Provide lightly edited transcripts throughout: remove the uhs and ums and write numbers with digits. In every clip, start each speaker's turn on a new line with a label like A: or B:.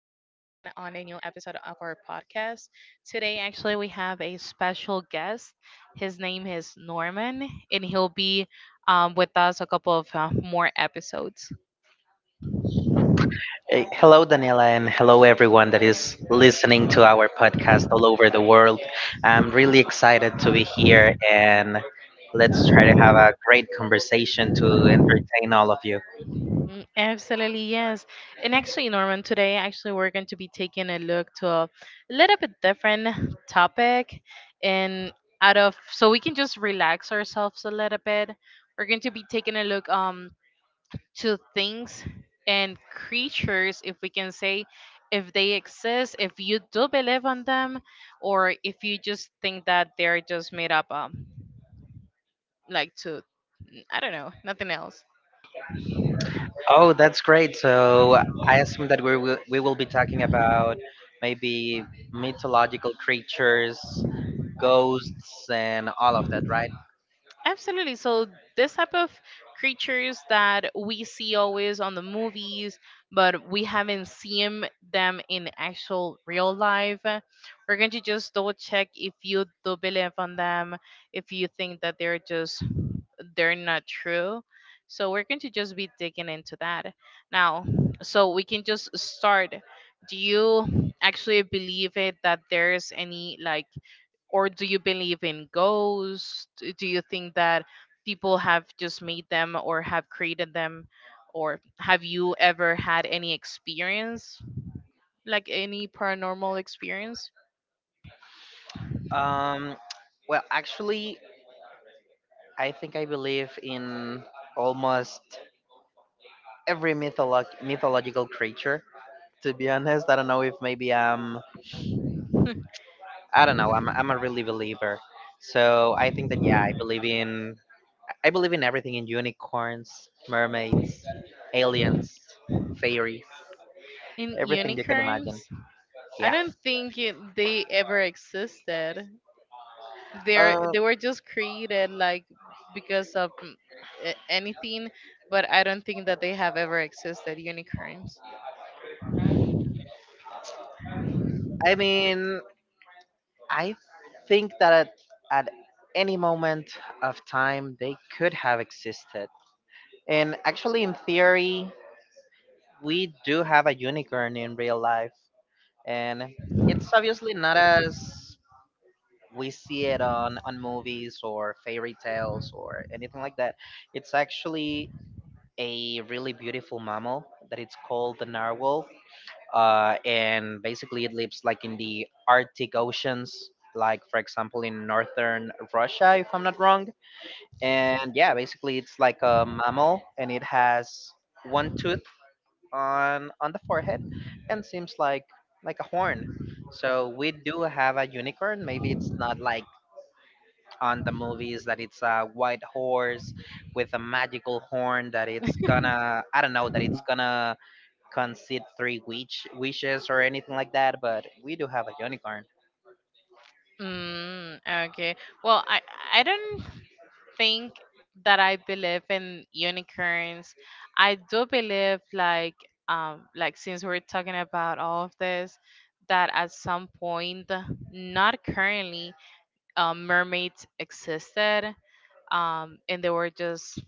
A: on a new episode of our podcast. Today, actually, we have a special guest. His name is Norman, and he'll be with us a couple of more episodes.
B: Hello, Daniela, and hello, everyone that is listening to our podcast all over the world. I'm really excited to be here, and let's try to have a great conversation to entertain all of you.
A: Mm, absolutely, yes. And actually, Norman, today, actually, we're going to be taking a look to a little bit different topic, and out of so we can just relax ourselves a little bit. We're going to be taking a look. To things and creatures, if we can say, if they exist, if you do believe on them, or if you just think that they're just made up, like to, I don't know, nothing else.
B: Oh, that's great. So I assume that we will be talking about maybe mythological creatures, ghosts, and all of that, right?
A: Absolutely. So, this type of creatures that we see always on the movies, but we haven't seen them in actual real life, we're going to just double check if you do believe on them, if you think that they're just they're not true. So we're going to just be digging into that now. So we can just start. Do you actually believe it that there's any like, or do you believe in ghosts? Do you think that people have just made them or have created them? Or have you ever had any experience, like any paranormal experience?
B: Um, well, actually, I think I believe in almost every mythological creature. To be honest, I don't know if maybe I'm.
A: in
B: I don't know. I'm a really believer. So I think that, yeah, I believe in. I believe in everything, in unicorns, mermaids, aliens, fairies, everything you can imagine.
A: unicorns? I
B: Yeah.
A: don't think it, they ever existed. They're
B: Uh,
A: they were just created like because of anything, but I don't think that they have ever existed unicorns.
B: I mean, I think that at any moment of time they could have existed. And actually, in theory, we do have a unicorn in real life, and it's obviously not as we see it on movies or fairy tales or anything like that. It's actually a really beautiful mammal that it's called the narwhal, and basically it lives like in the Arctic oceans, like for example in northern Russia, if I'm not wrong. And yeah, basically it's like a mammal and it has one tooth on the forehead and seems like a horn. So we do have a unicorn. Maybe it's not like on the movies, that it's a white horse with a magical horn that it's gonna, I don't know, that it's gonna concede three wishes or anything like that. But we do have a unicorn.
A: Mm, okay, well, I don't think that I believe in unicorns. I do believe like, like since we're talking about all of this, that at some point, not currently, mermaids existed, and they were just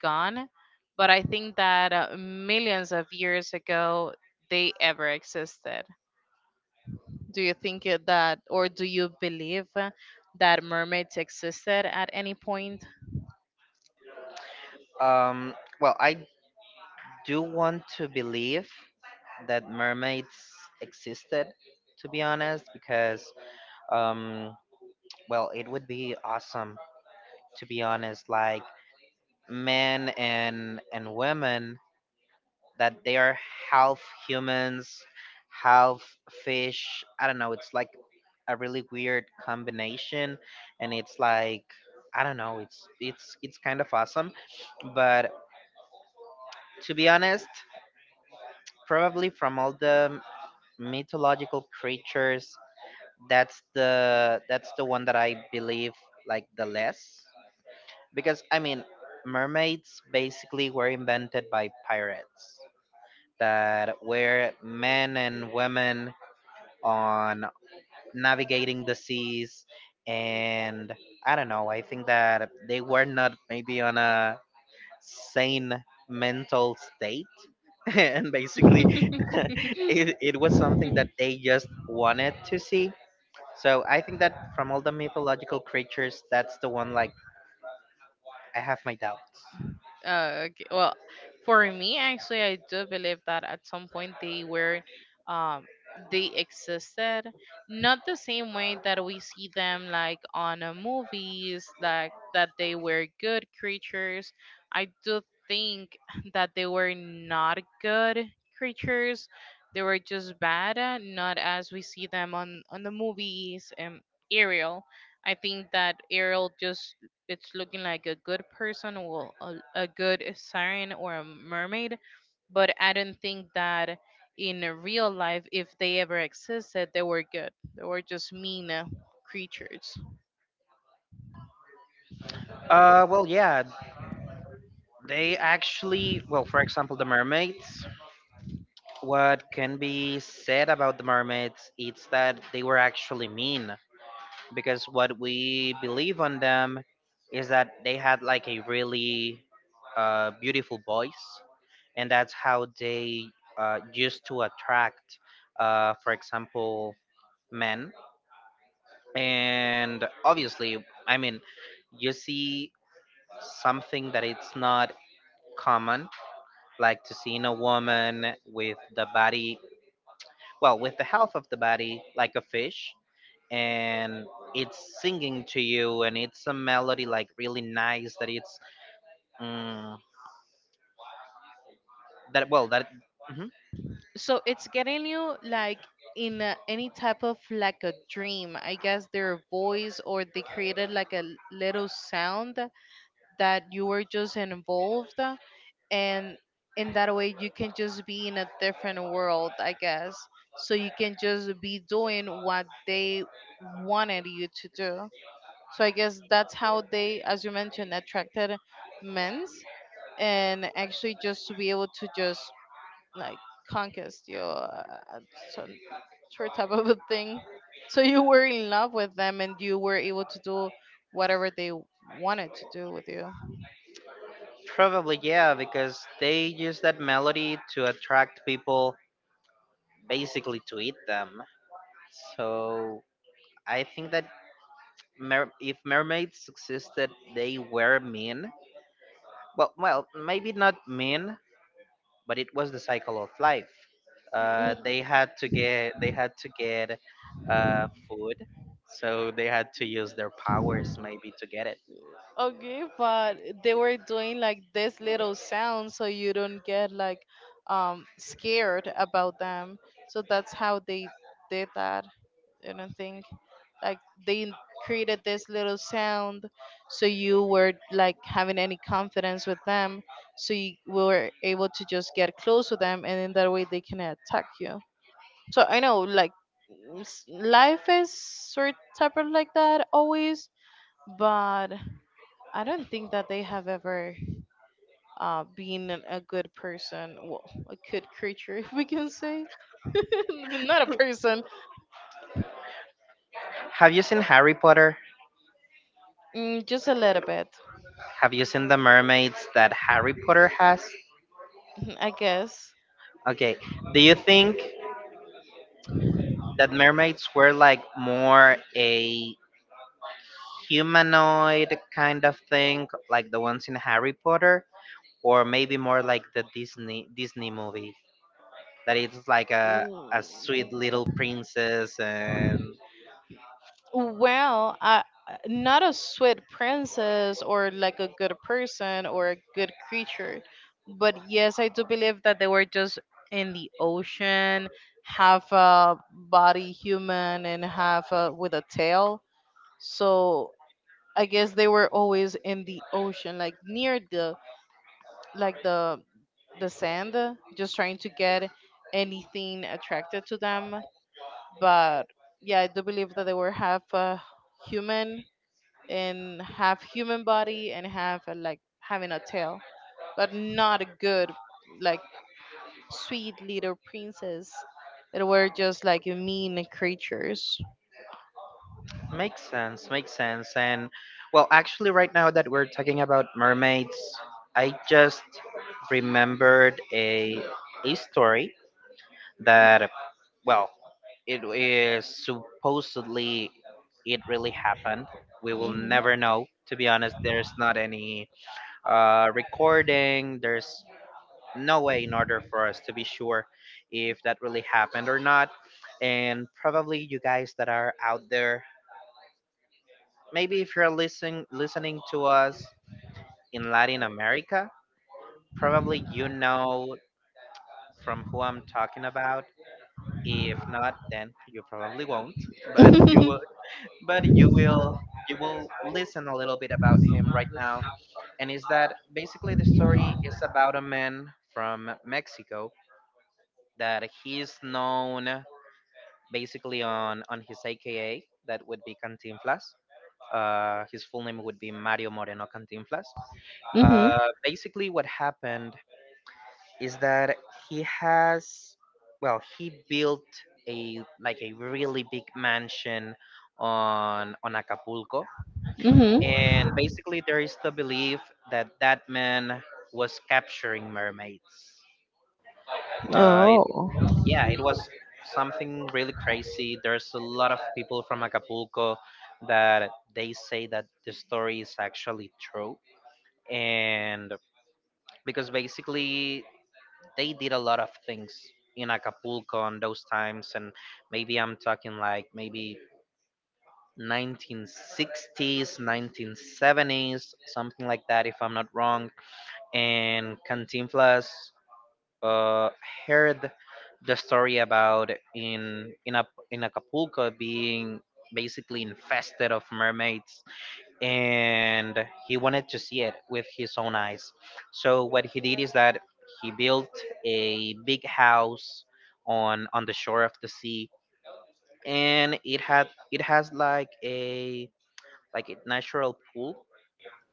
A: gone. But I think that millions of years ago, they ever existed. Do you think that, or do you believe that mermaids existed at any point?
B: Um, well, I do want to believe that mermaids existed, to be honest, because, um, well, it would be awesome. To be honest, like men and women that they are half humans, half fish, I don't know, it's like a really weird combination, and it's like, I don't know, it's it's kind of awesome. But to be honest, probably from all the mythological creatures, that's the one that I believe like the less. Because I mean, mermaids basically were invented by pirates that were men and women on navigating the seas, and I don't know, I think that they were not maybe on a sane mental state and basically it was something that they just wanted to see. So I think that from all the mythological creatures, that's the one like I have my doubts.
A: Okay. Well, for me, actually, I do believe that at some point they were, um, they existed. Not the same way that we see them like on movies, like that they were good creatures. I do think that they were not good creatures. They were just bad, not as we see them on the movies. And Ariel, I think that Ariel just it's looking like a good person or a good siren or a mermaid, but I don't think that in real life, if they ever existed, they were good. They were just mean creatures.
B: Well, yeah. They actually, well, for example, the mermaids. What can be said about the mermaids is that they were actually mean, because what we believe on them is that they had like a really beautiful voice, and that's how they used to attract, for example, men. And obviously, I mean, you see something that it's not common, like to seeing a woman with the body, well with the health of the body like a fish, and it's singing to you, and it's a melody like really nice that it's, mm, that, well, that mhm.
A: So it's getting you like in a, any type of like a dream, I guess, their voice, or they created like a little sound that you were just involved, and in that way you can just be in a different world, I guess. So you can just be doing what they wanted you to do. So I guess that's how they, as you mentioned, attracted men's, and actually just to be able to just like conquest you, some sort type of a thing. So you were in love with them and you were able to do whatever they wanted to do with you.
B: Probably, yeah, because they use that melody to attract people, basically to eat them. So I think that if mermaids existed, they were mean. Well, well, maybe not mean, but it was the cycle of life. They had to get food, so they had to use their powers maybe to get it.
A: Okay, but they were doing like this little sound so you don't get like scared about them. So that's how they did that. I don't think like they created this little sound so you were like having any confidence with them, so you were able to just get close with them, and in that way they can attack you. So I know like life is sort type of like that always, but I don't think that they have ever been a good person, well, a good creature, if we can say. But not a person,
B: Have you seen Harry Potter?
A: mm, just a little bit,
B: Have you seen the mermaids that Harry Potter has?
A: I guess.
B: Okay, do you think that mermaids were like more a humanoid kind of thing, like the ones in Harry Potter, or maybe more like the Disney movie? That it's like a
A: Mm,
B: sweet little princess, and
A: well, I, not a sweet princess or like a good person or a good creature, but yes, I do believe that they were just in the ocean, half a body human and half a, with a tail. So I guess they were always in the ocean, like near the like the the sand, just trying to get anything attracted to them. But yeah, I do believe that they were half human and half human body and half like having a tail, but not a good like sweet little princess. They were just like mean creatures.
B: makes sense, makes sense. And well, actually, right now that we're talking about mermaids, I just remembered a story that, well, it is supposedly, it really happened. We will
A: Hmm.
B: never know, to be honest. There's not any recording, there's no way in order for us to be sure if that really happened or not. And probably you guys that are out there, maybe if you're listening to us in Latin America, probably you know from who I'm talking about. If not, then you probably won't. But you will, but you will listen a little bit about him right now. And is that, basically, the story is about a man from Mexico that he's known basically on his AKA, that would be Cantinflas. His full name would be Mario Moreno Cantinflas.
A: Mhm.
B: Basically, what happened is that he has, well, he built a, like, a really big mansion on Acapulco,
A: Mhm.
B: and basically there is the belief that that man was capturing mermaids. Uh,
A: Oh.
B: yeah, it was something really crazy. There's a lot of people from Acapulco that they say that the story is actually true. And because basically they did a lot of things in Acapulco on those times. And maybe I'm talking like maybe 1960s, 1970s, something like that, if I'm not wrong. And Cantinflas, uh, heard the story about in Acapulco being basically infested of mermaids, and he wanted to see it with his own eyes. So what he did is that he built a big house on the shore of the sea, and it has like a natural pool.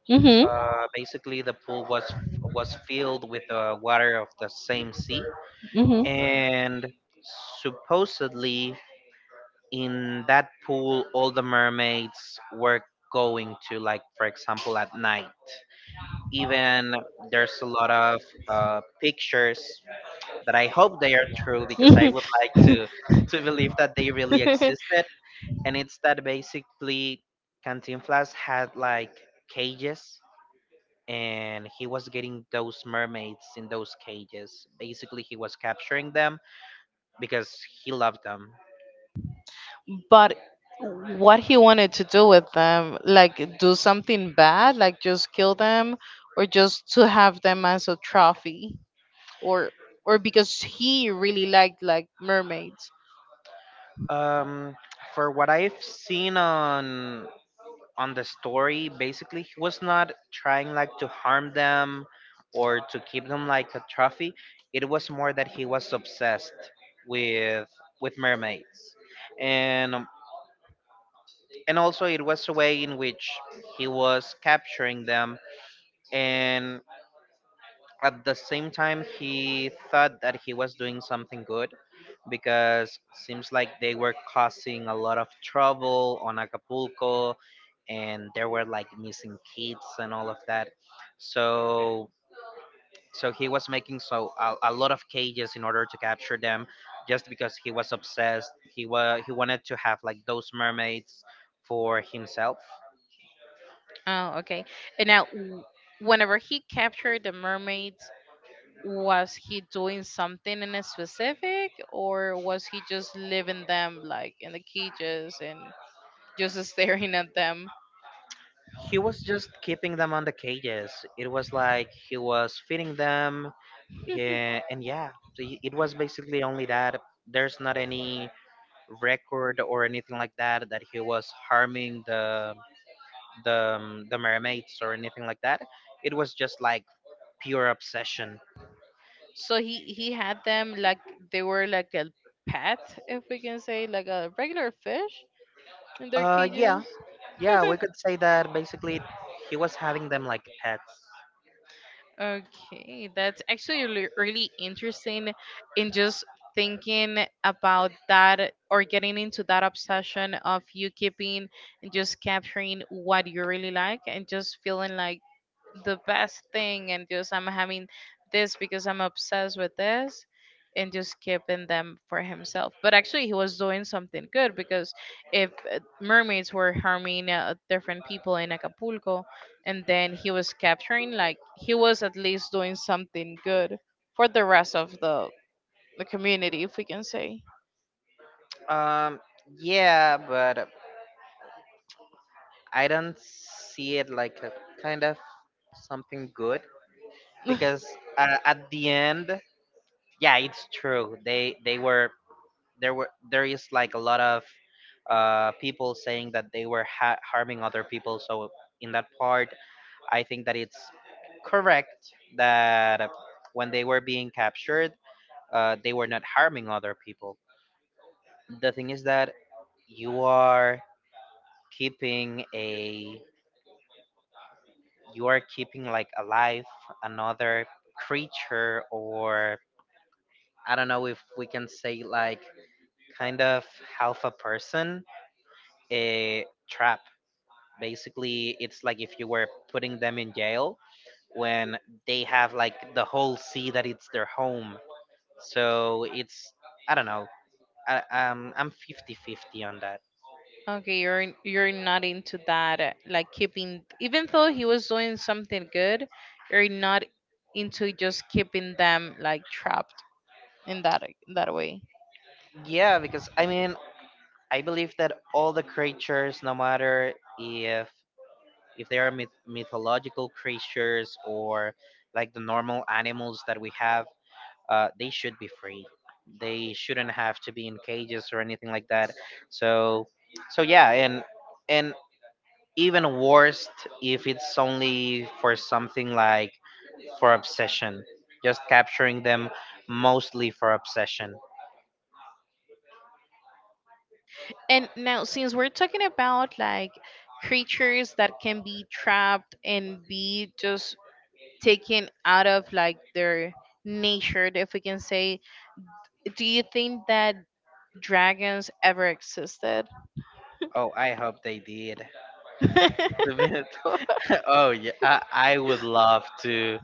A: Mhm.
B: Uh, basically the pool was filled with the water of the same sea.
A: Mhm.
B: And supposedly, in that pool all the mermaids were going to, like, for example, at night. Even there's a lot of pictures that I hope they are true, because I would like to believe that they really existed. And it's that basically Cantinflas had like cages, and he was getting those mermaids in those cages. Basically, he was capturing them because he loved them.
A: But what he wanted to do with them, like do something bad, like just kill them, or just to have them as a trophy, or or because he really liked like mermaids.
B: Um, for what I've seen on the story, basically he was not trying like to harm them or to keep them like a trophy. It was more that he was obsessed with mermaids, and um, and also it was a way in which he was capturing them, and at the same time he thought that he was doing something good, because seems like they were causing a lot of trouble on Acapulco, and there were like missing kids and all of that. So, so he was making so a lot of cages in order to capture them, just because he was obsessed, he was, he wanted to have like those mermaids for himself.
A: Oh, okay. And now, whenever he captured the mermaids, was he doing something in a specific, or was he just leaving them like in the cages and just staring at them?
B: He was just keeping them on the cages, it was like he was feeding them. Yeah, and yeah, so it was basically only that. There's not any record or anything like that that he was harming the the mermaids or anything like that. It was just like pure obsession.
A: So he had them like they were like a pet, if we can say, like a regular fish in their
B: Yeah,
A: cages.
B: yeah, we could say that basically he was having them like pets.
A: Okay, that's actually really really interesting in just thinking about that, or getting into that obsession of you keeping and just capturing what you really like and just feeling like the best thing and just I'm having this because I'm obsessed with this and just keeping them for himself. But actually he was doing something good, because if mermaids were harming different people in Acapulco and then he was capturing, like he was at least doing something good for the rest of the community, if we can say.
B: Um, yeah, but I don't see it like a kind of something good, because, at the end, yeah, it's true. They were, there is like a lot of people saying that they were harming other people. So in that part, I think that it's correct that when they were being captured, they were not harming other people. The thing is that you are keeping a, you are keeping like alive another creature, or I don't know if we can say like kind of half a person, a trap. Basically, it's like if you were putting them in jail when they have like the whole sea that it's their home. So it's, I don't know. I'm 50-50 on that.
A: Okay, you're you're not into that, like keeping, even though he was doing something good, you're not into just keeping them like trapped in that way.
B: Yeah, because I mean, I believe that all the creatures, no matter if they are mythological creatures or like the normal animals that we have, they should be free. They shouldn't have to be in cages or anything like that. So, so yeah, and even worse if it's only for something like for obsession, just capturing them mostly for obsession.
A: And now, since we're talking about like creatures that can be trapped and be just taken out of like their nature, if we can say, do you think that dragons ever existed?
B: Oh, I hope they did. To oh yeah, I would love to.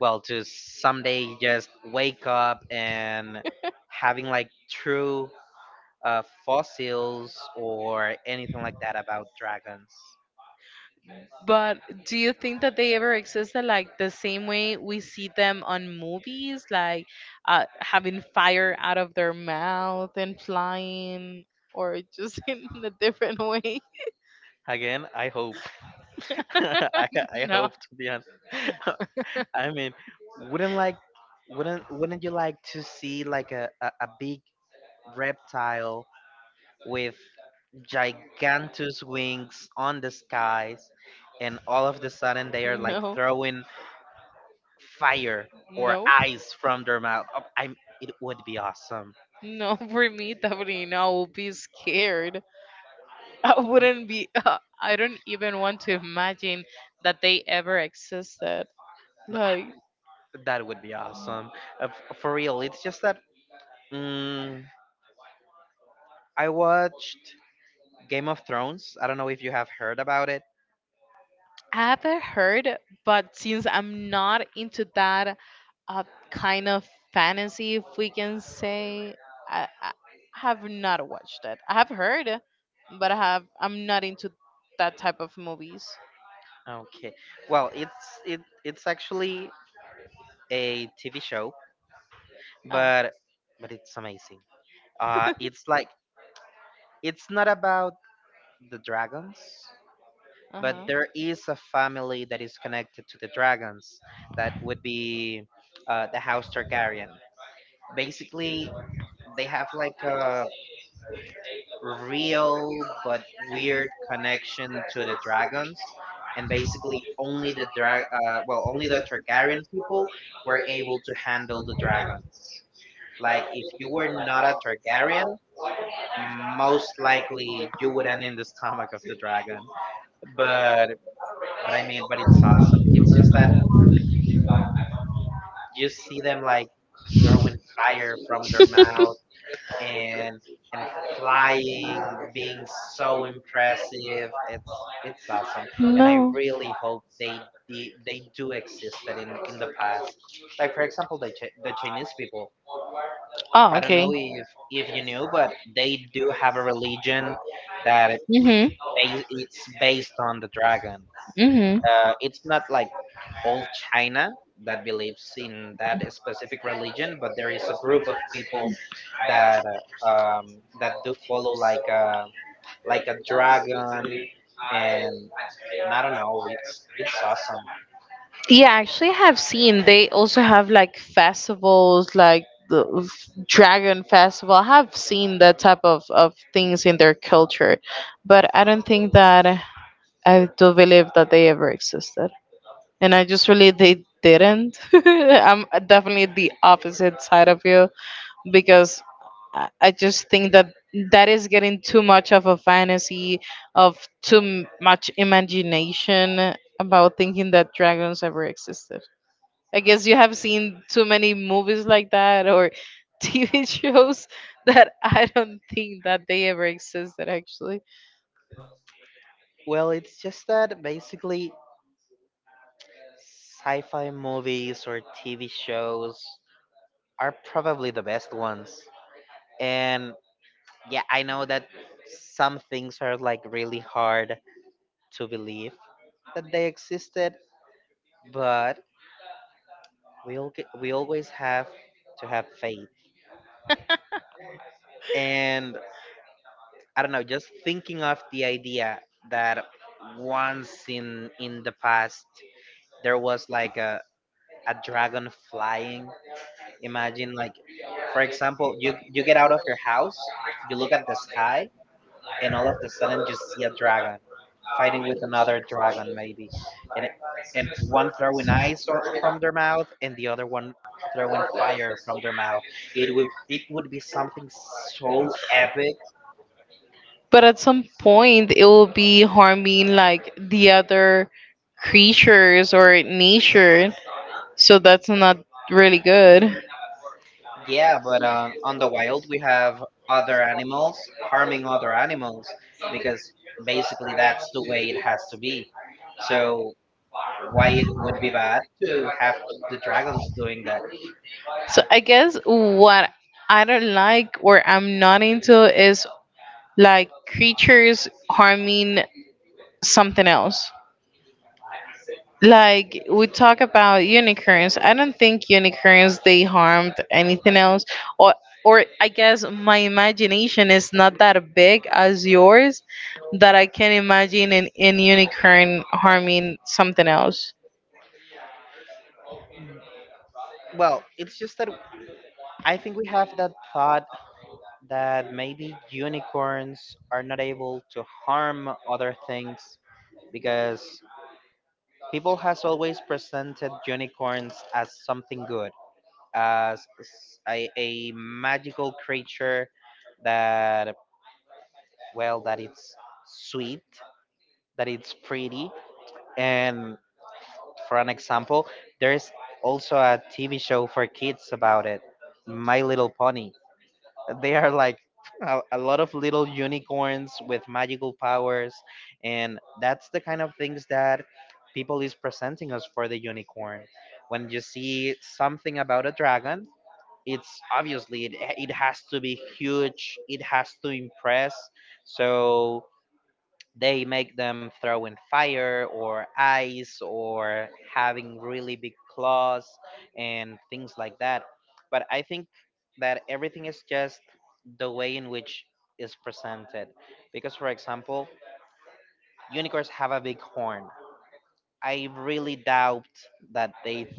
B: Well, to someday just wake up and having like true fossils or anything like that about dragons.
A: But do you think that they ever existed like the same way we see them on movies, like having fire out of their mouth and flying, or just in a different way?
B: Again, I hope. I
A: No,
B: hope, to be honest. I mean, wouldn't like wouldn't you like to see like a big reptile with gigantus wings on the skies, and all of the sudden they are like
A: no,
B: throwing fire or
A: no, no.
B: ice from their mouth. Oh, I'm, it would be awesome.
A: For me, definitely, no. I will be scared. I wouldn't be. I don't even want to imagine that they ever existed.
B: No,
A: Like
B: that would be awesome. For real, it's just that, mm, I watched Game of Thrones. I don't know if you have heard about it.
A: I haven't heard, but since I'm not into that uh, kind of fantasy, if we can say, I have not watched it. I have heard, but I have. I'm not into that type of movies.
B: Okay. Well, it's it's actually a TV show,
A: Uh,
B: but but it's amazing. It's like it's not about the dragons,
A: uh
B: but
A: huh.
B: there is a family that is connected to the dragons. That would be the House Targaryen. Basically, they have like a real but weird connection to the dragons. And basically, only the drag, only the Targaryen people were able to handle the dragons. Like if you were not a Targaryen, most likely you would end in the stomach of the dragon. But but it's awesome. It's just that you see them like throwing fire from their mouth and and flying, being so impressive. It's awesome, and I
A: No.
B: really hope they do existed in the past. Like for example, the Chinese people.
A: Oh,
B: I don't know
A: okay.
B: if you knew, but they do have a religion that
A: Mhm.
B: it's based on the dragon.
A: Mhm.
B: It's not like all China that believes in that specific religion, but there is a group of people that that do follow like a dragon, and I don't know, it's awesome.
A: Yeah, actually, I have seen they also have like festivals, like the Dragon Festival. I have seen that type of things in their culture, but I don't think that I do believe that they ever existed. And I just really they didn't. I'm definitely the opposite side of you, because I just think that that is getting too much of a fantasy of too much imagination about thinking that dragons ever existed. I guess you have seen too many movies like that or TV shows that I don't think that they ever existed actually.
B: Well, it's just that basically sci-fi movies or TV shows are probably the best ones. And yeah, I know that some things are like really hard to believe that they existed, but we always have to have faith. And I don't know, just thinking of the idea that once in the past there was like a dragon flying. Imagine like for example, you get out of your house, you look at the sky and all of the sudden you see a dragon fighting with another dragon maybe and it, and one throwing ice from their mouth and the other one throwing fire from their mouth it would be something so epic.
A: But at some point it will be harming like the other creatures or nature, so that's not really good.
B: Yeah, but on the wild we have other animals harming other animals because basically that's the way it has to be, so why it would be bad to have the dragons doing that.
A: So I guess what I don't like, or I'm not into, is like creatures harming something else. Like we talk about unicorns, I don't think unicorns they harmed anything else, or or I guess my imagination is not that big as yours, that I can imagine an unicorn harming something else.
B: Well it's just that I think we have that thought that maybe unicorns are not able to harm other things because people has always presented unicorns as something good, as a magical creature that, well, that it's sweet, that it's pretty. And for an example, there's also a TV show for kids about it, My Little Pony. They are like a lot of little unicorns with magical powers, and that's the kind of things that people is presenting us for the unicorn. When you see something about a dragon, it's obviously it has to be huge, it has to impress. So they make them throwing fire or ice or having really big claws and things like that. But I think that everything is just the way in which is presented. Because, for example, unicorns have a big horn. I really doubt that they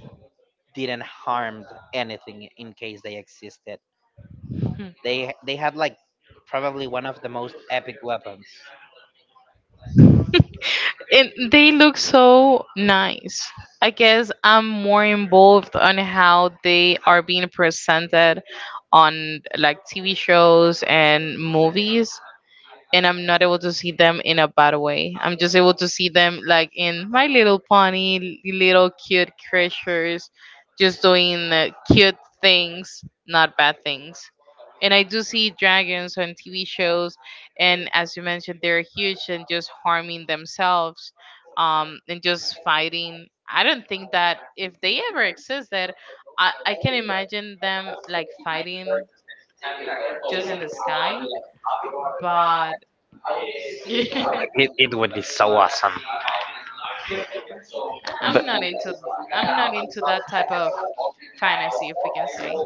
B: didn't harm anything in case they existed.
A: Hmm.
B: They had like probably one of the most epic weapons.
A: And they look so nice. I guess I'm more involved on how they are being presented on like TV shows and movies, and I'm not able to see them in a bad way. I'm just able to see them like in My Little Pony, little cute creatures, just doing cute things, not bad things. And I do see dragons on TV shows, and as you mentioned, they're huge and just harming themselves, and just fighting. I don't think that if they ever existed, I can imagine them like fighting just in the sky, but
B: It would be so awesome. B-
A: I'm not into that type of fantasy, if we can say.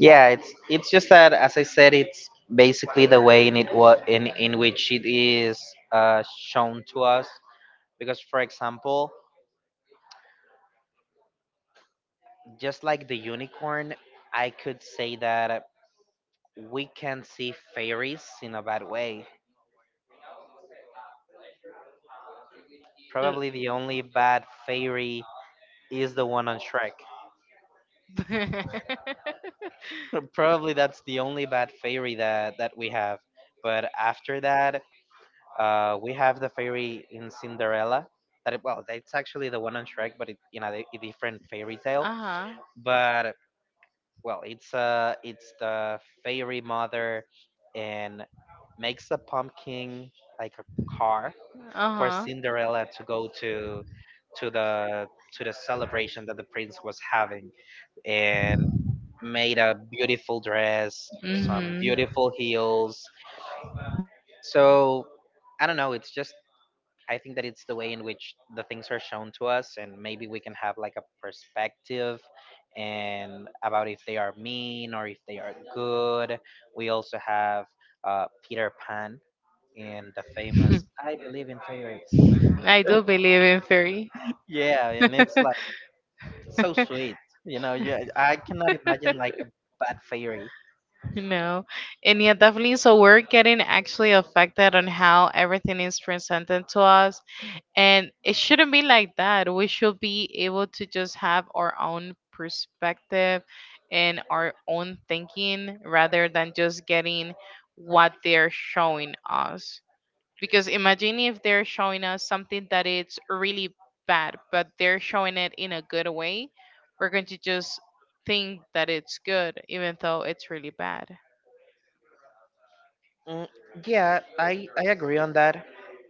B: yeah, it's just that as I said, it's basically the way in which it is shown to us. Because for example, just like the unicorn, I could say that we can see fairies in a bad way.
A: L-
B: Probably the only bad fairy is the one on Shrek. Probably that's the only bad fairy that we have. But after that, we have the fairy in Cinderella. That it, well, it's actually the one on Shrek, but it, you know, a different fairy tale.
A: uh-huh.
B: But well, it's the fairy mother, and makes a pumpkin like a car for
A: Uh-huh.
B: Cinderella to go to to the to the celebration that the prince was having, and made a beautiful dress, some
A: Mhm.
B: beautiful heels. So I don't know. It's just I think that it's the way in which the things are shown to us, and maybe we can have like a perspective and about if they are mean or if they are good. We also have Peter Pan and the famous "I believe in fairies."
A: I do believe in fairy.
B: Yeah, and it's like so sweet. You know, yeah, I cannot imagine like a bad fairy.
A: No. And yeah, definitely. So we're getting actually affected on how everything is presented to us. And it shouldn't be like that. We should be able to just have our own perspective and our own thinking, rather than just getting what they're showing us. Because imagine if they're showing us something that it's really bad, but they're showing it in a good way, we're going to just think that it's good, even though it's really bad.
B: Mm, yeah, I agree on that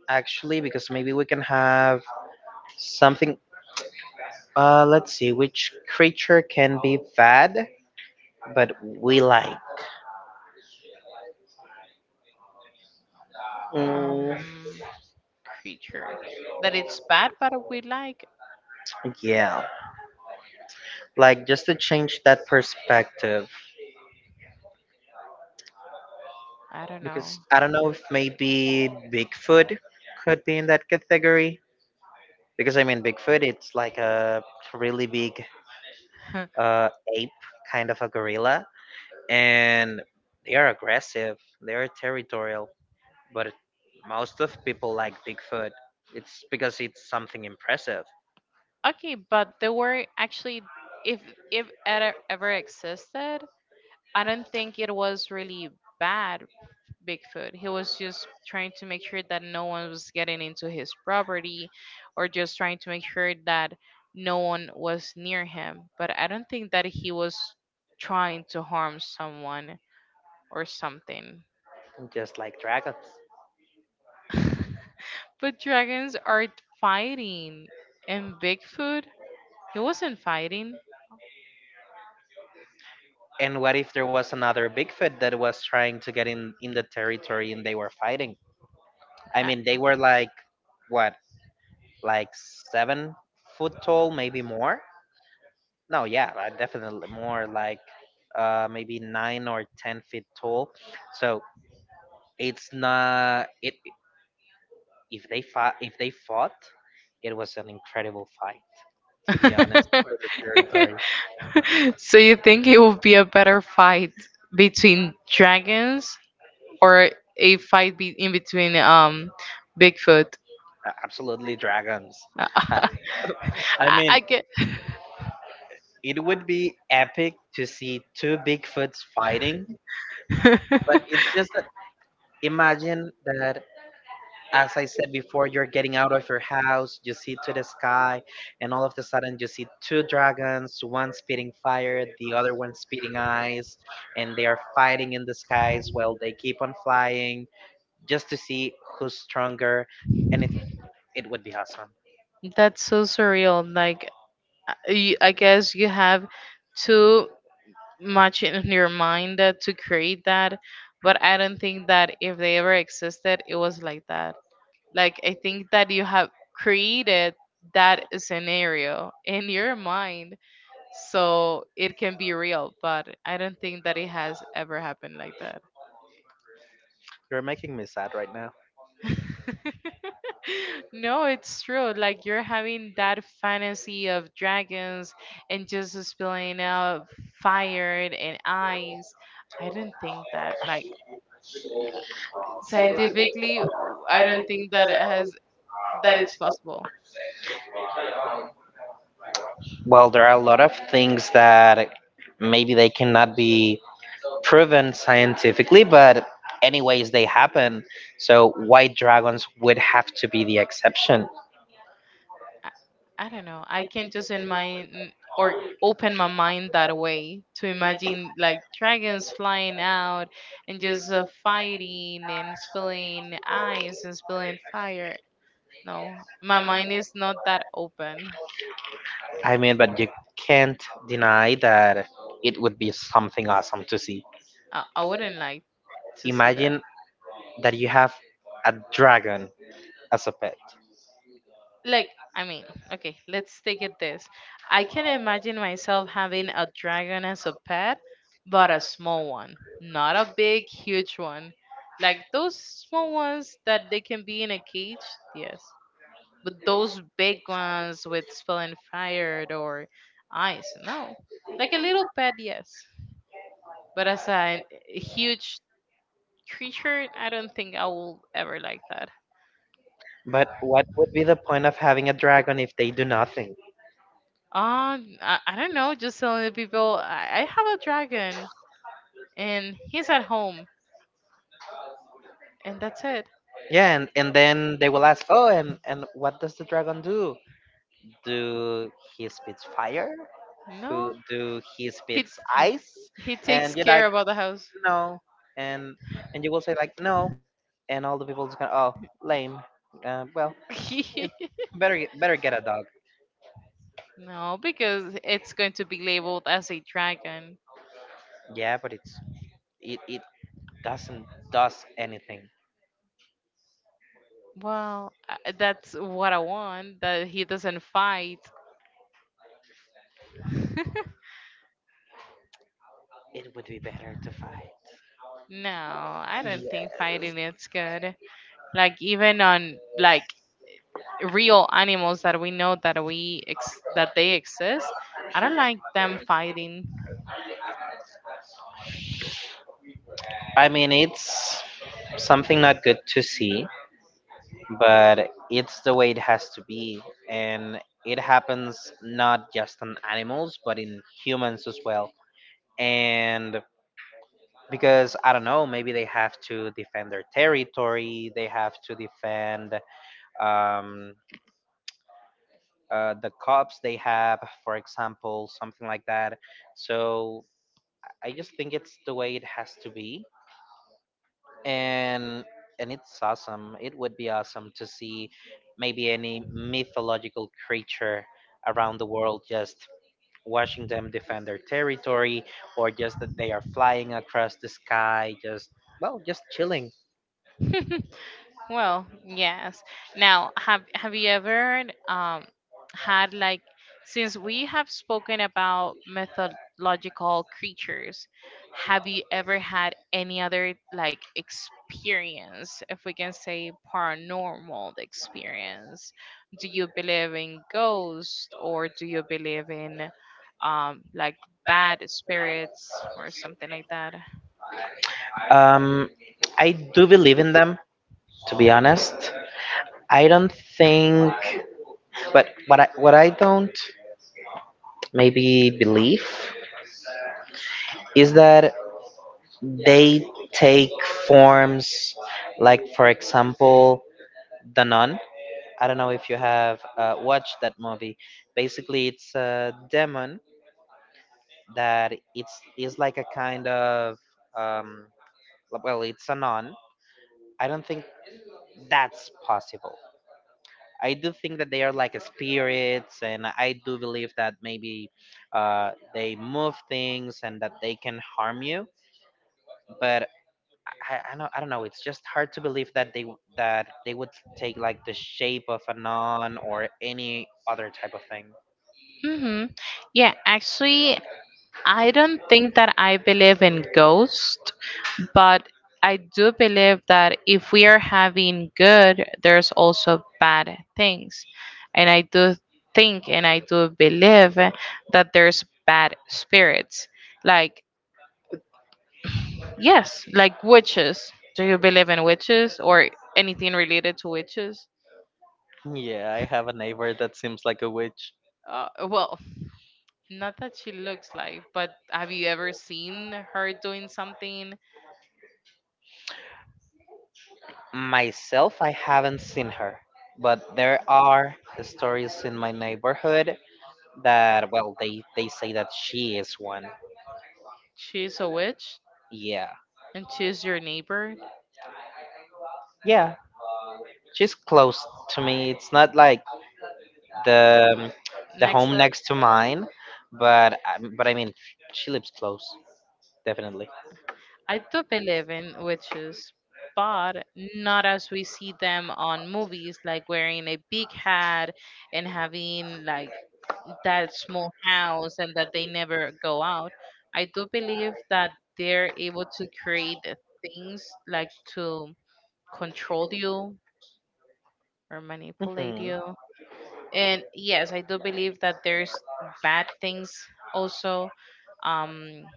B: actually because maybe we can have something. Let's see, which creature can be bad? But we like. Mm,
A: Um, creature that it's bad but we like,
B: yeah, like just to change that perspective,
A: I don't know.
B: because I don't know if maybe Bigfoot could be in that category. Because I mean, Bigfoot, it's like a really big uh, ape, kind of a gorilla, and they are aggressive, they are territorial, but most of people like Bigfoot. It's because it's something impressive,
A: Okay, but the were actually, if if it ever existed, I don't think it was really bad Bigfoot. He was just trying to make sure that no one was getting into his property or just trying to make sure that no one was near him. But I don't think that he was trying to harm someone or something.
B: just like dragons.
A: But dragons are fighting. And Bigfoot, he wasn't fighting.
B: And what if there was another Bigfoot that was trying to get in the territory and they were fighting? I
A: I-
B: mean, they were like what, like 7 foot tall, maybe more. No, yeah, definitely more, like maybe 9 or 10 feet tall. So it's not it. If they fought, it was an incredible fight. To be honest, for the territory,
A: so you think it would be a better fight between dragons or a fight be- in between Bigfoot?
B: Absolutely dragons.
A: I,
B: I mean,
A: I get.
B: it would be epic to see two Bigfoots fighting, but it's just that imagine that, as I said before, you're getting out of your house, you see to the sky, and all of a sudden you see two dragons, one spitting fire, the other one spitting ice, and they are fighting in the skies while they keep on flying just to see who's stronger, and it, it would be awesome.
A: That's so surreal. Like you, I guess you have too much in your mind that to create that, but I don't think that if they ever existed, it was like that. Like I think that you have created that scenario in your mind so it can be real, but I don't think that it has ever happened like that.
B: You're making me sad right now.
A: No, it's true. Like you're having that fantasy of dragons and just spilling out fire and eyes. I don't think that scientifically I don't think that it has that it's possible.
B: Well, there are a lot of things that maybe they cannot be proven scientifically, but anyways, they happen. So white dragons would have to be the exception.
A: I, I don't know. I can just in my n- or open my mind that way to imagine like dragons flying out and just fighting and spilling ice and spilling fire. No, my mind is not that open.
B: I mean, but you can't deny that it would be something awesome to see.
A: I wouldn't like to see that.
B: Imagine that you have a dragon as a pet.
A: Like I mean, okay, let's take it this. I can imagine myself having a dragon as a pet, but a small one, not a big huge one. Like those small ones that they can be in a cage, yes, but those big ones with spilling fire or ice, no. Like a little pet, yes, but as a huge creature, I don't think I will ever like that.
B: But what would be the point of having a dragon if they do nothing?
A: I don't know. Just telling the people I have a dragon and he's at home, and that's it.
B: Yeah, and then they will ask, oh, and what does the dragon do? Do he spits fire? Who
A: No,
B: do he
A: he t-
B: spits ice?
A: he takes
B: And you're
A: care
B: like,
A: about the house.
B: no, and you will say like no, and all the people just gonna oh lame. Uh, well, it's better get a dog.
A: No, because it's going to be labeled as a dragon.
B: Yeah, but it doesn't does anything.
A: Well, that's what I want. That he doesn't fight.
B: It would be better to fight.
A: No, I don't
B: Yeah.
A: think fighting is good. Like even on like real animals that we know that that they exist. I don't like them fighting.
B: I mean, it's something not good to see, but it's the way it has to be, and it happens not just on animals but in humans as well. And because I don't know, maybe they have to defend their territory, they have to defend um, the cops they have, for example, something like that. So I just think it's the way it has to be, and it's awesome. It would be awesome to see maybe any mythological creature around the world just watching them defend their territory or just that they are flying across the sky just, well, just chilling.
A: Well, yes. Now, have you ever had like, since we have spoken about mythological creatures, have you ever had any other like experience, if we can say, paranormal experience? Do you believe in ghosts or do you believe in like bad spirits or something like that?
B: Um, I do believe in them, to be honest. I don't think, but what I don't maybe believe is that they take forms like, for example, The Nun. I don't know if you have watched that movie. Basically, it's a demon that it's is like a kind of um, it's a nun. I don't think that's possible. I do think that they are like spirits, and I do believe that maybe they move things and that they can harm you. But I don't know. It's just hard to believe that they that they would take like the shape of a nun or any other type of thing.
A: Mm-hmm. Yeah, actually, I don't think that I believe in ghosts, but I do believe that if we are having good, there's also bad things. And I do think and I do believe that there's bad spirits. Like, yes, like witches. Do you believe in witches or anything related to witches?
B: Yeah, I have a neighbor that seems like a witch.
A: Well, not that she looks like, but have you ever seen her doing something?
B: Myself, I haven't seen her, but there are stories in my neighborhood that, well, they say that she is one.
A: She's a witch.
B: Yeah,
A: And choose your neighbor
B: yeah. She's close to me. It's not like the um, the
A: next
B: home
A: door.
B: next to mine, but but I mean, she lives close, definitely.
A: I do believe in witches, but not as we see them on movies, like wearing a big hat and having like that small house and that they never go out. I do believe that they're able to create things like to control you or manipulate
B: Hmm.
A: you. And yes, I do believe that there's bad things also. Um,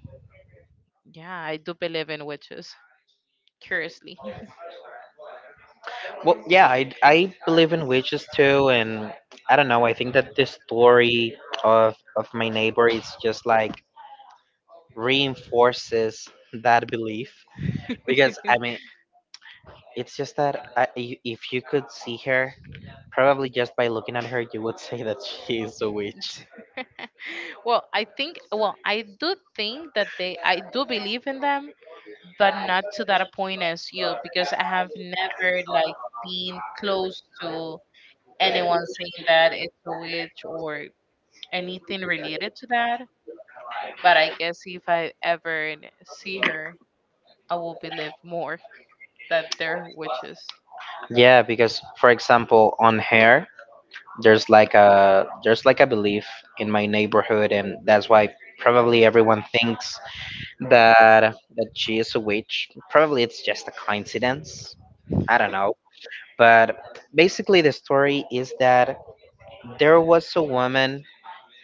A: yeah, I do believe in witches, curiously.
B: Well, yeah, I believe in witches too, and I don't know. I think that this story of my neighbor is just like reinforces that belief because I mean, it's just that if you could see her, probably just by looking at her, you would say that she is a witch.
A: Well, I think, well, I do think that I do believe in them, but not to that point as you, because I have never like been close to anyone saying that it's a witch or anything related to that. But I guess if I ever see her, I will believe more that they're witches.
B: Yeah, because for example, on hair, there's like a belief in my neighborhood, and that's why probably everyone thinks that she is a witch. Probably it's just a coincidence. I don't know. But basically, the story is that there was a woman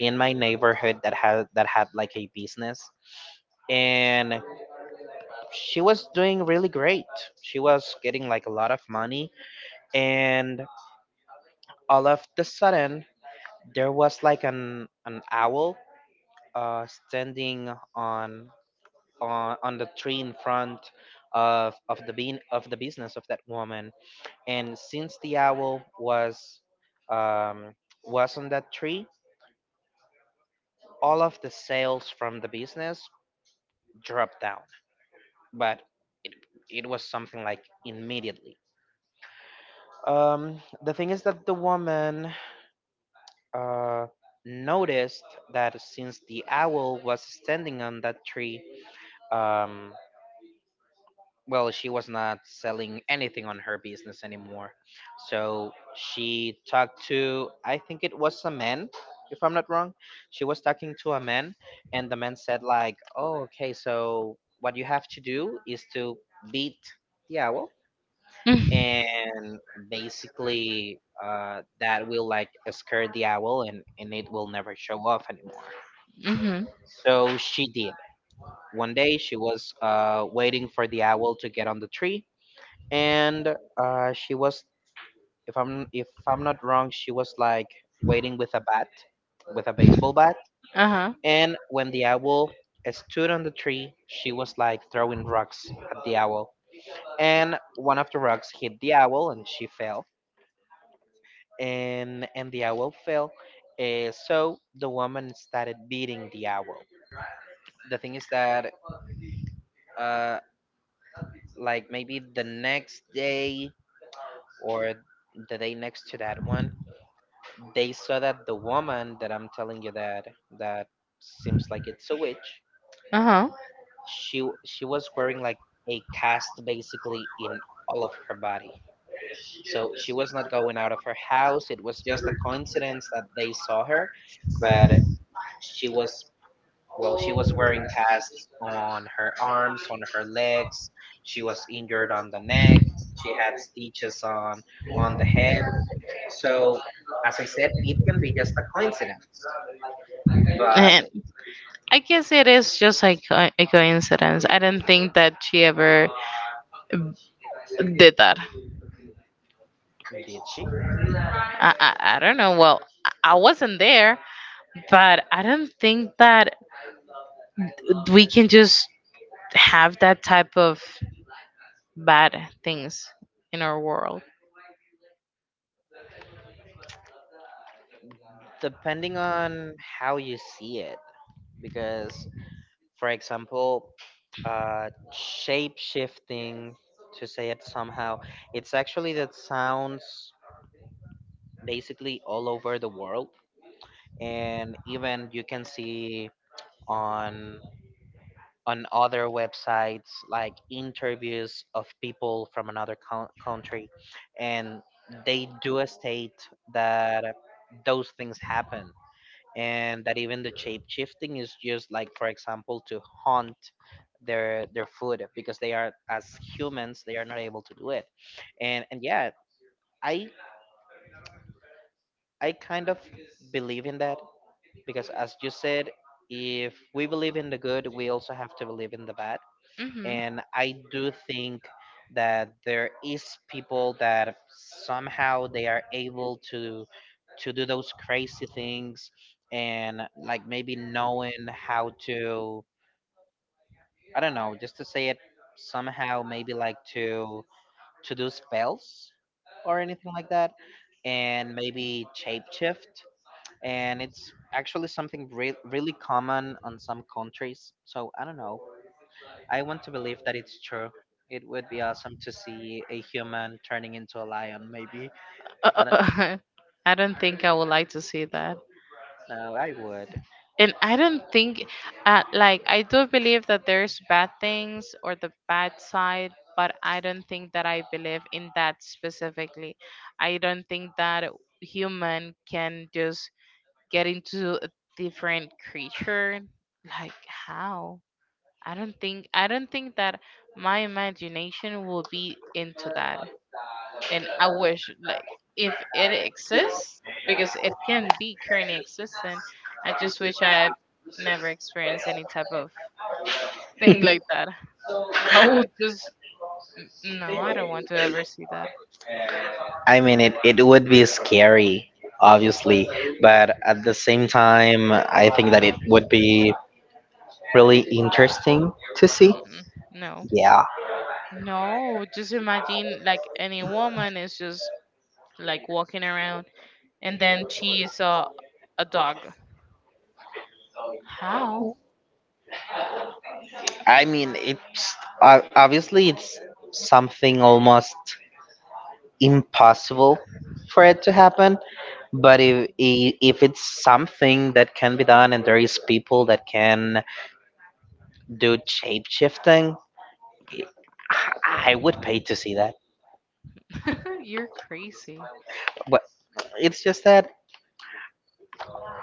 B: in my neighborhood that had like a business, and she was doing really great. She was getting like a lot of money, and all of the sudden there was like an owl standing on on the tree in front of the bean of the business of that woman. And since the owl um, was on that tree, all of the sales from the business dropped down. But it it was something like immediately. The thing is that the woman uh, noticed that since the owl was standing on that tree, um, well, she was not selling anything on her business anymore, so she talked to, I think it was a man, if I'm not wrong, she was talking to a man, and the man said like, "Oh, okay, so what you have to do is to beat the owl, and basically that will like scare the owl, and it will never show off anymore."
A: Mm-hmm.
B: So she did. One day she was waiting for the owl to get on the tree, and she was, if I'm not wrong, she was like waiting with a bat, with a baseball bat.
A: Uh huh.
B: And when the owl stood on the tree, she was like throwing rocks at the owl, and one of the rocks hit the owl and she fell. And the owl fell. So the woman started beating the owl. The thing is that, uh like maybe the next day, or the day next to that one, they saw that the woman that I'm telling you that seems like it's a witch.
A: Uh huh.
B: She was wearing like a cast basically in all of her body. So she was not going out of her house. It was just a coincidence that they saw her, but she was, well, she was wearing casts on her arms, on her legs. She was injured on the neck. She had stitches on the head. So, as I said, it can be just a coincidence, but
A: And I guess it is just like a, a coincidence. I don't think that she ever did that.
B: Did she?
A: I don't know. Well, I wasn't there, but I don't think that we can just have that type of bad things in our world.
B: Depending on how you see it, because, for example, shape shifting, to say it somehow, it's actually that sounds basically all over the world, and even you can see on on other websites like interviews of people from another country, and they do state that those things happen, and that even the shape shifting is just like, for example, to hunt their food because they are, as humans, they are not able to do it. And yeah, i I kind of believe in that because, as you said, if we believe in the good, we also have to believe in the bad.
A: Hmm.
B: And I do think that there is people that somehow they are able to do those crazy things, and like maybe knowing how to, I don't know, just to say it somehow, maybe like to do spells or anything like that, and maybe shapeshift. And it's actually something really common on some countries, so I don't know, I want to believe that it's true. It would be awesome to see a human turning into a lion, maybe. I don't
A: I don't think I would like to see that.
B: know. I would.
A: And I don't think, like, I do believe that there's bad things or the bad side, but I don't think that I believe in that specifically. I don't think that human can just get into a different creature. Like, how? I don't think that my imagination will be into that, and I wish like, if it exists, because it can be currently existent. I just wish I've never experienced any type of thing like that. I would just n- no, I don't want to ever see that.
B: I mean, it would be scary, obviously, but at the same time, I think that it would be really interesting to see.
A: Mm-mm. No,
B: Yeah.
A: no. Just imagine like any woman is just like walking around and then she saw a dog. How?
B: I mean, it's obviously it's something almost impossible for it to happen, but if it's something that can be done and there is people that can do shape shifting, I would pay to see that.
A: You're crazy.
B: But it's just that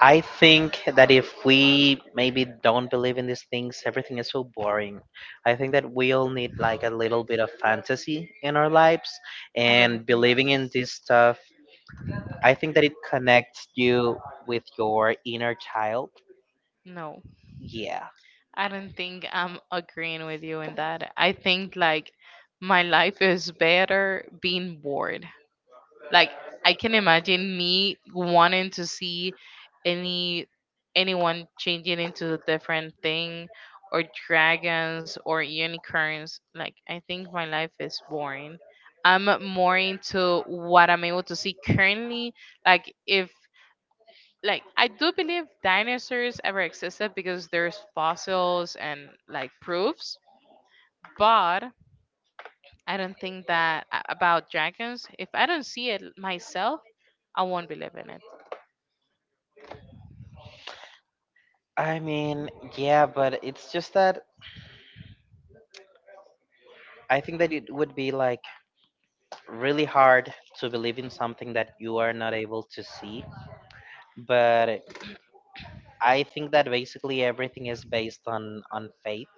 B: I think that if we maybe don't believe in these things, everything is so boring. I think that we all need like a little bit of fantasy in our lives
A: I don't
B: and
A: think
B: believing in this stuff. I think that it connects you with your inner child.
A: no.
B: Yeah.
A: I don't think I'm agreeing with you in that. I think like my life is better being bored. Like I can imagine me wanting to see any anyone changing into a different thing or dragons or unicorns. Like I think my life is boring. I'm more into what I'm able to see currently. Like if like I do believe dinosaurs ever existed because there's fossils and like proofs, but I don't think that about dragons. If I don't see it myself, I won't believe in it.
B: I mean, yeah, but it's just that I think that it would be like really hard to believe in something that you are not able to see, but I think that basically everything is based on faith.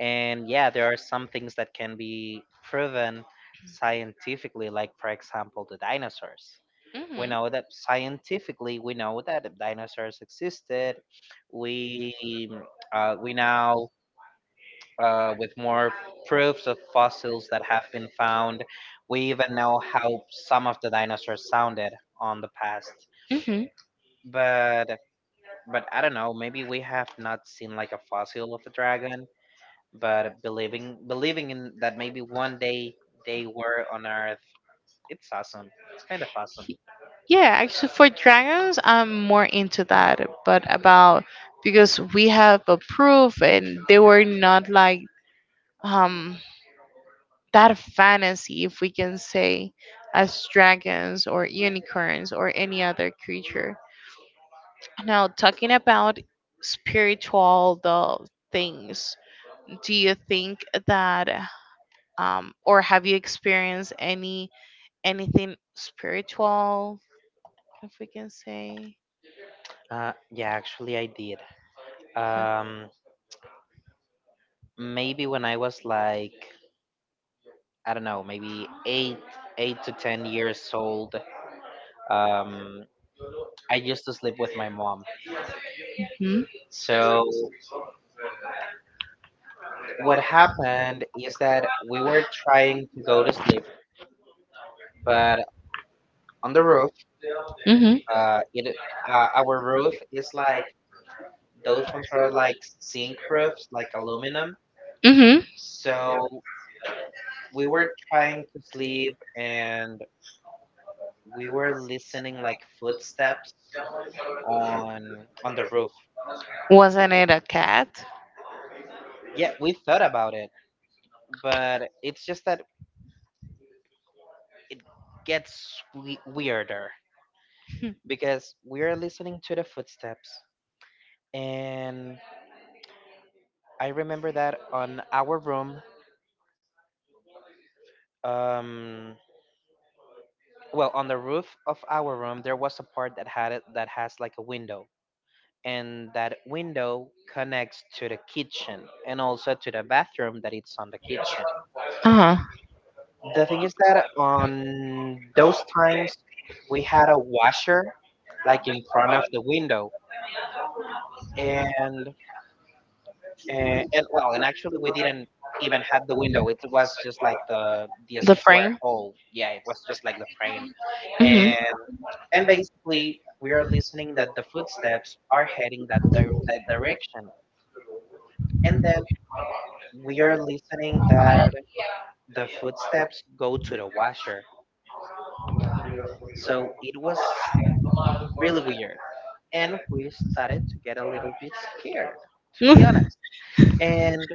B: And yeah, there are some things that can be proven scientifically, like, for example, the dinosaurs. We
A: Mhm.
B: know that scientifically, we know that dinosaurs existed. We, we now, with more proofs of fossils that have been found. We even know how some of the dinosaurs sounded on the past.
A: Mhm.
B: But but I don't know, maybe we have not seen like a fossil of a dragon, but believing in that maybe one day they were on Earth, it's awesome. It's kind of awesome.
A: Yeah, actually, for dragons, I'm more into that. But about, because we have a proof, and they were not like um that fantasy, if we can say, as dragons or unicorns or any other creature. Now, talking about spiritual the things, do you think that or have you experienced anything spiritual, if we can say?
B: Yeah, actually I did. Um, Maybe when I was like, I don't know, maybe eight, 8 to 10 years old. Um, I used to sleep with my mom.
A: Hmm.
B: So what happened is that we were trying to go to sleep, but on the roof,
A: Hmm.
B: it, our roof is like those ones are like zinc roofs, like aluminum.
A: Hmm.
B: So we were trying to sleep, and we were listening like footsteps on the roof.
A: Wasn't it a cat?
B: Yeah, we thought about it, but it's just that it gets weirder because we are listening to the footsteps. And I remember that on our room, um, well, on the roof of our room, there was a part that had it that has like a window, and that window connects to the kitchen and also to the bathroom that it's on the kitchen.
A: Uh-huh.
B: The thing is that on those times we had a washer like in front of the window, and and well, and actually, we didn't even have the window. It was just like the
A: The
B: square
A: frame?
B: hole. Yeah, it was just like the frame, and and basically we are listening that the footsteps are heading that that direction, and then we are listening that the footsteps go to the washer. So it was really weird, and we started to get a little bit scared, to be honest.
A: Hmm.
B: And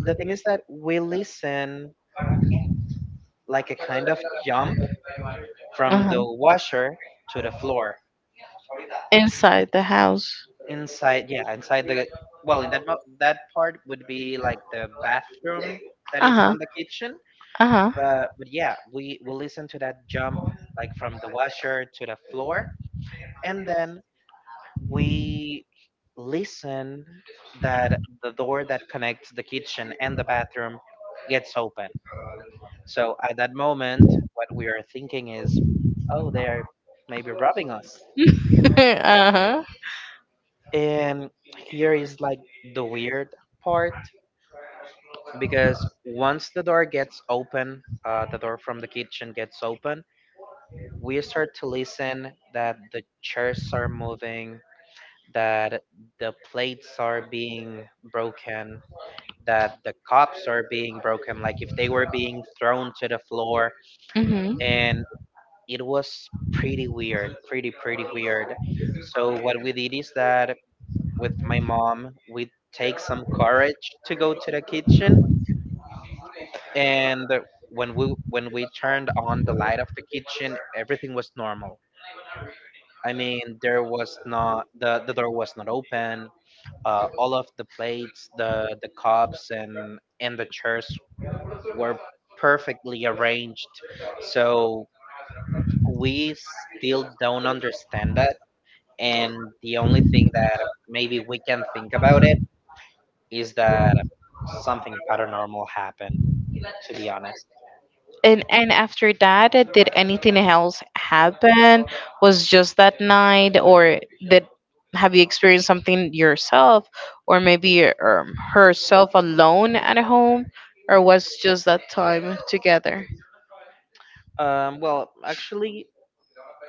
B: the thing is that we listen like a kind of jump from
A: Uh-huh.
B: the washer to the floor.
A: Inside the house.
B: Inside, yeah, inside the, well, in that that part would be like the bathroom that it's
A: Uh-huh.
B: on the kitchen.
A: Uh-huh.
B: But yeah, we listen to that jump like from the washer to the floor, and then we listen that the door that connects the kitchen and the bathroom gets open. So at that moment, what we are thinking is, oh, they are maybe robbing us.
A: uh-huh.
B: And here is like the weird part because once the door gets open, the door from the kitchen gets open, we start to listen that the chairs are moving, that the plates are being broken, that the cups are being broken, like if they were being thrown to the floor.
A: Mhm.
B: And it was pretty weird, pretty, pretty weird. So, what we did is that with my mom, we take some courage to go to the kitchen, and when we turned on the light of the kitchen, everything was normal. I mean, there was not, the the door was not open. All of the plates, the cups, and the chairs were perfectly arranged. So we still don't understand that, and the only thing that maybe we can think about it is that something paranormal happened, to be honest.
A: And after that, did anything else happen? Was just that night, or did have you experienced something yourself, or maybe herself alone at home, or was just that time together?
B: Well, actually,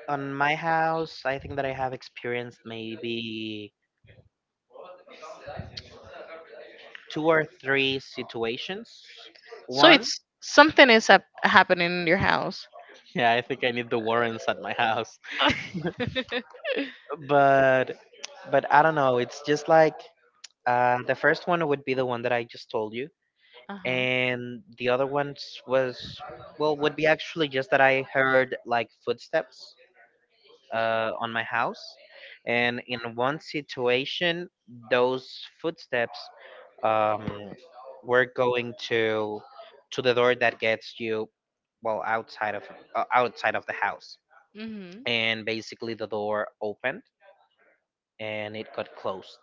B: on my house I think that I have experienced maybe two or three situations.
A: So
B: One.
A: it's something is happening in your house.
B: Yeah, I think I need the warrants at my house. but but I don't know, it's just like, the first one would be the one that I just told you,
A: Uh-huh.
B: and the other ones was, well, would be actually just that I heard like footsteps on my house. And in one situation, those footsteps um, were going to the door that gets you, well, outside of, outside of the house.
A: Mm-hmm.
B: And basically, the door opened and it got closed,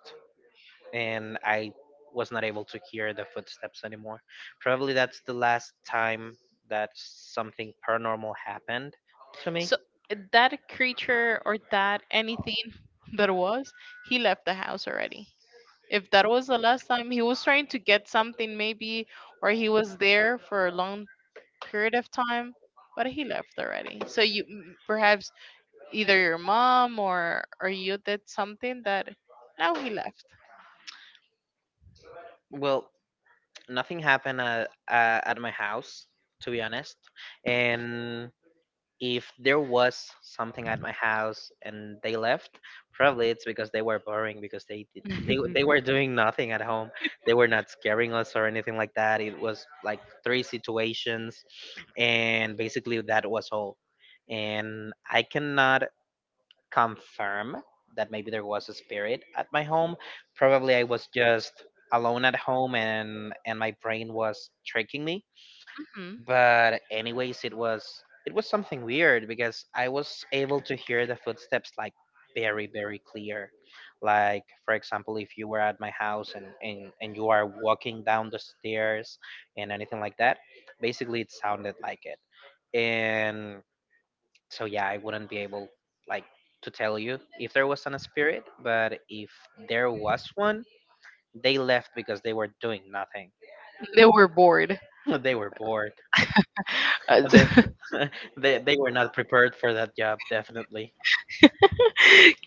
B: and I was not able to hear the footsteps anymore. Probably that's the last time that something paranormal happened to me.
A: So, eh, that creature or that anything that was, he left the house already. If that was the last time he was trying to get something maybe, or he was there for a long period of time, but he left already. So you perhaps either your mom or you did something that now he left.
B: Well, nothing happened at my house, to be honest. And if there was something at my house and they left, probably it's because they were boring, because they did, they were doing nothing at home. They were not scaring us or anything like that. It was like three situations, and basically that was all. And I cannot confirm that maybe there was a spirit at my home. Probably I was just alone at home and my brain was tricking me.
A: Hmm.
B: But anyways, it was, it was something weird because I was able to hear the footsteps like very, very clear. Like, for example, if you were at my house and you are walking down the stairs and anything like that, basically it sounded like it. And so yeah, I wouldn't be able, like, to tell you if there was an spirit, but if there was one, they left because they were doing nothing.
A: They were bored.
B: They were bored. They, they were not prepared for that job, definitely.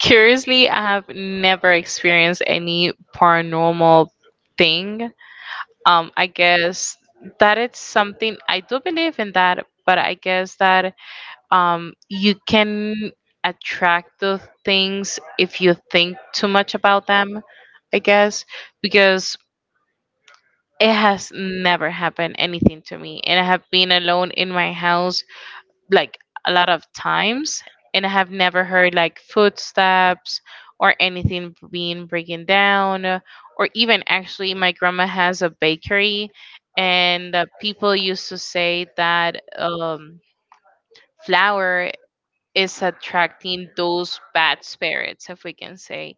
A: Curiously, I have never experienced any paranormal thing. I guess happened anything to me, and I have been alone in my house like a lot of times, and I have never heard like footsteps or anything being breaking down, or even actually, my grandma has a bakery, and people used to say that flour is attracting those bad spirits, if we can say.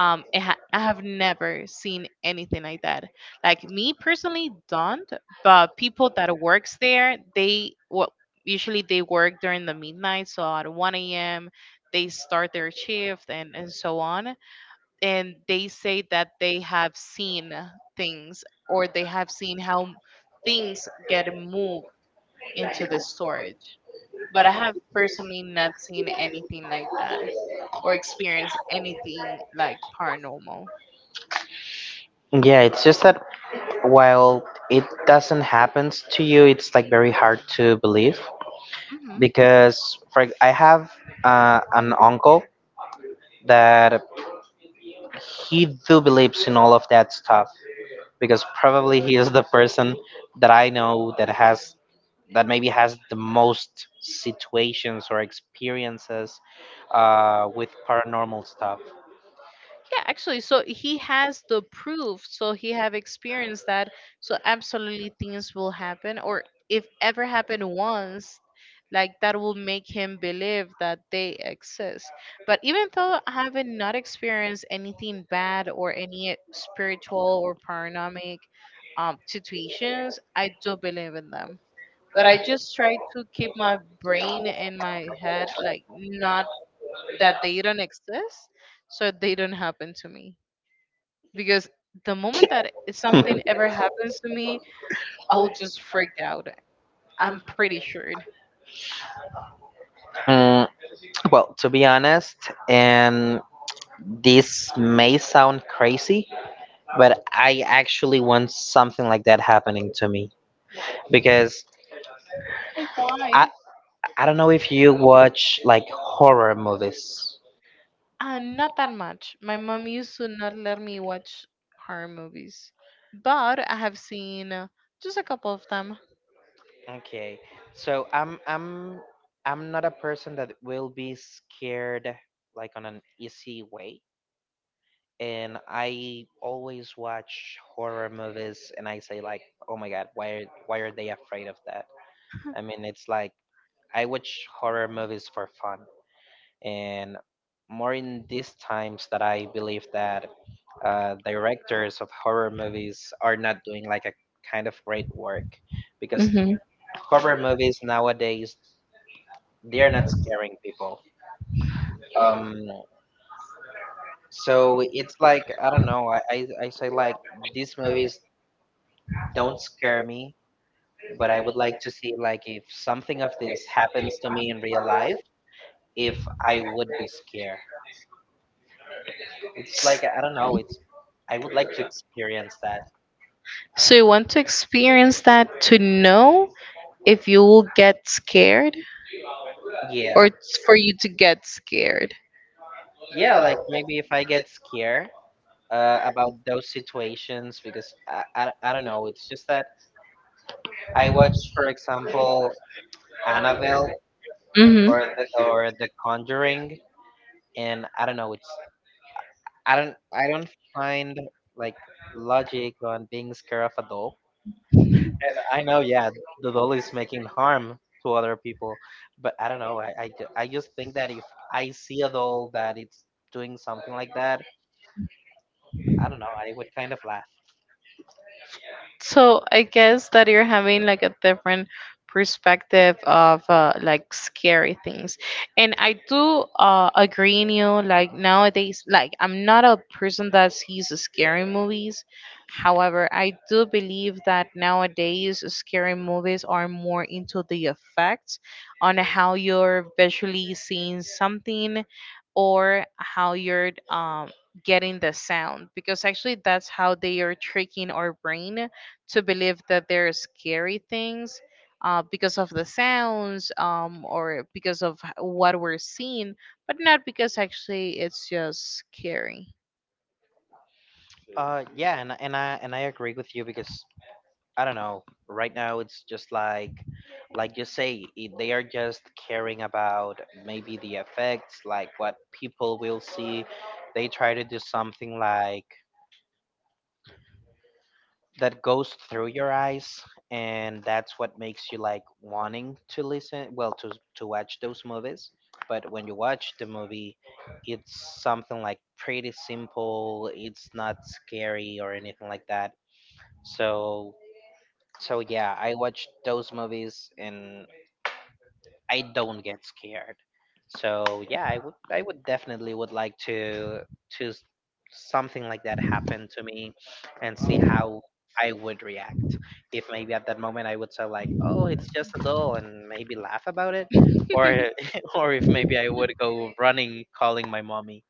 A: It I have never seen anything like that. Like me personally, don't. But people that works there, they well usually they work during the midnight, so at 1 a.m. they start their shift and so on. And they say that they have seen things or they have seen how things get moved into the storage. But I have personally not seen anything like that or experienced anything like paranormal.
B: Yeah, it's just that while it doesn't happen to you, it's like very hard to believe
A: Hmm.
B: because I have an uncle that he do believes in all of that stuff, because probably he is the person that I know that has, that maybe has the most situations or experiences with paranormal stuff.
A: Yeah, actually, so he has the proof, so he have experienced that, so absolutely things will happen, or if ever happened once, like that will make him believe that they exist. But even though I haven't not experienced anything bad or any spiritual or paranormal situations, I do believe in them. But I just try to keep my brain and my head like not that they don't exist so they don't happen to me, because the moment that if something ever happens to me, I'll just freak out, I'm pretty sure.
B: Mm, well, to be honest, and this may sound crazy, but I actually want something like that happening to me because
A: Like, why?
B: I I don't know if you watch like horror movies.
A: Uh, not that much. My mom used to not let me watch horror movies, but I have seen just a couple of them.
B: Okay. So I'm I'm not a person that will be scared like on an easy way. And I always watch horror movies and I say like, "Oh my God, why are they afraid of that?" I mean, it's like I watch horror movies for fun. And more in these times that I believe that directors of horror movies are not doing like a kind of great work because
A: Hmm.
B: horror movies nowadays they're not scaring people. Um, so it's like I don't know. I say like these movies don't scare me, but I would like to see like if something of this happens to me in real life, if I would be scared. It's like I don't know. It's I would like to experience that.
A: So you want to experience that to know if you will get scared, or
B: Yeah,
A: it's for you to get scared?
B: yeah. Like maybe if I get scared about those situations because I don't know. It's just that I watched, for example, Annabelle
A: Hmm.
B: or the Conjuring, and I don't know. It's I don't find like logic on being scared of a doll. I know, yeah, the doll is making harm to other people, but I don't know. I just think that if I see a doll that it's doing something like that, I don't know. I would kind of laugh. Yeah, and I agree with you because I don't know. Right now, it's just like you say, it, they are just caring about maybe the effects, like what people will see. They try to do something like that goes through your eyes, and that's what makes you like wanting to listen, well, to watch those movies. But when you watch the movie, it's something like pretty simple. It's not scary or anything like that. So yeah, I watched those movies and I don't get scared. So yeah, I would definitely would like to to s- something like that happen to me and see how I would react. If maybe at that moment I would say like, "Oh, it's just a doll," and maybe laugh about it, or or if maybe I would go running calling my mommy.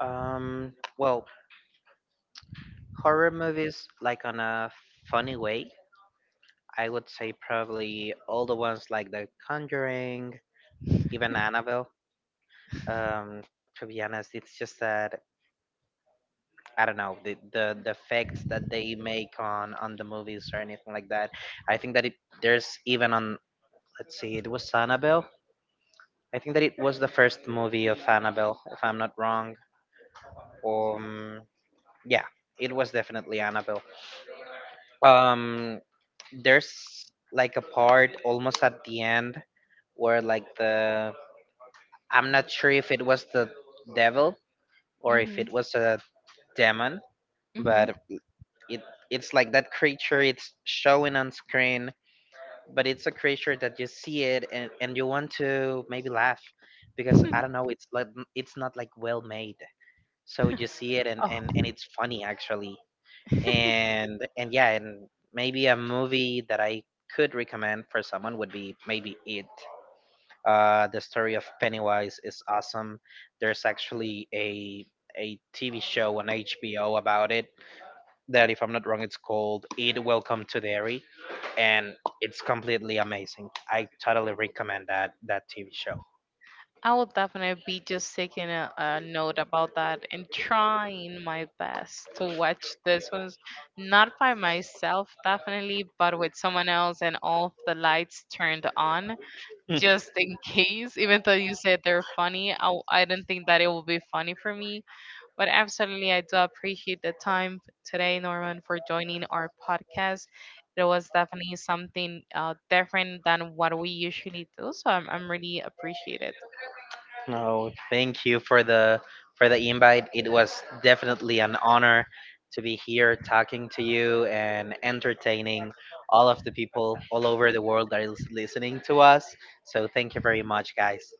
B: Um, well, horror movies like on a funny way, I would say probably all the ones like The Conjuring, even Annabelle. um to be honest, it's just that I don't know, the effects that they make on the movies or anything like that. I think that it there's even on let's see, it was Annabelle. I think that it was the first movie of Annabelle, if I'm not wrong. um yeah, it was definitely Annabelle. um there's like a part almost at the end where like the I'm not sure if it was the devil or if it was a demon, but It it's like that creature it's showing on screen, but it's a creature that you see it and you want to maybe laugh because I don't know, it's like it's not like well made. So you see it and it's funny actually. And yeah, and maybe a movie that I could recommend for someone would be maybe it. The story of Pennywise is awesome. There's actually a TV show on HBO about it that, if I'm not wrong, it's called Eat Welcome to Dairy, and it's completely amazing. I totally recommend that TV show. Mhm. No, thank you for the invite. It was definitely an honor to be here talking to you and entertaining all of the people all over the world that is listening to us. So thank you very much, guys.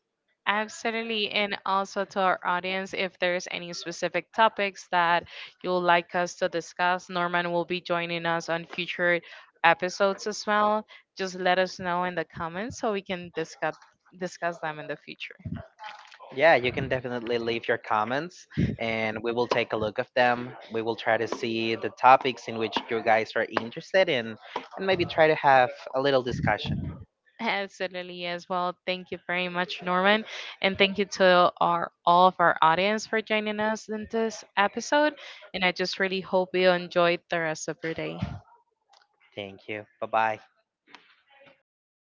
B: Yeah, you can definitely leave your comments and we will take a look of them. We will try to see the topics in which you guys are interested in and maybe try to have a little discussion. Thank you. Bye-bye.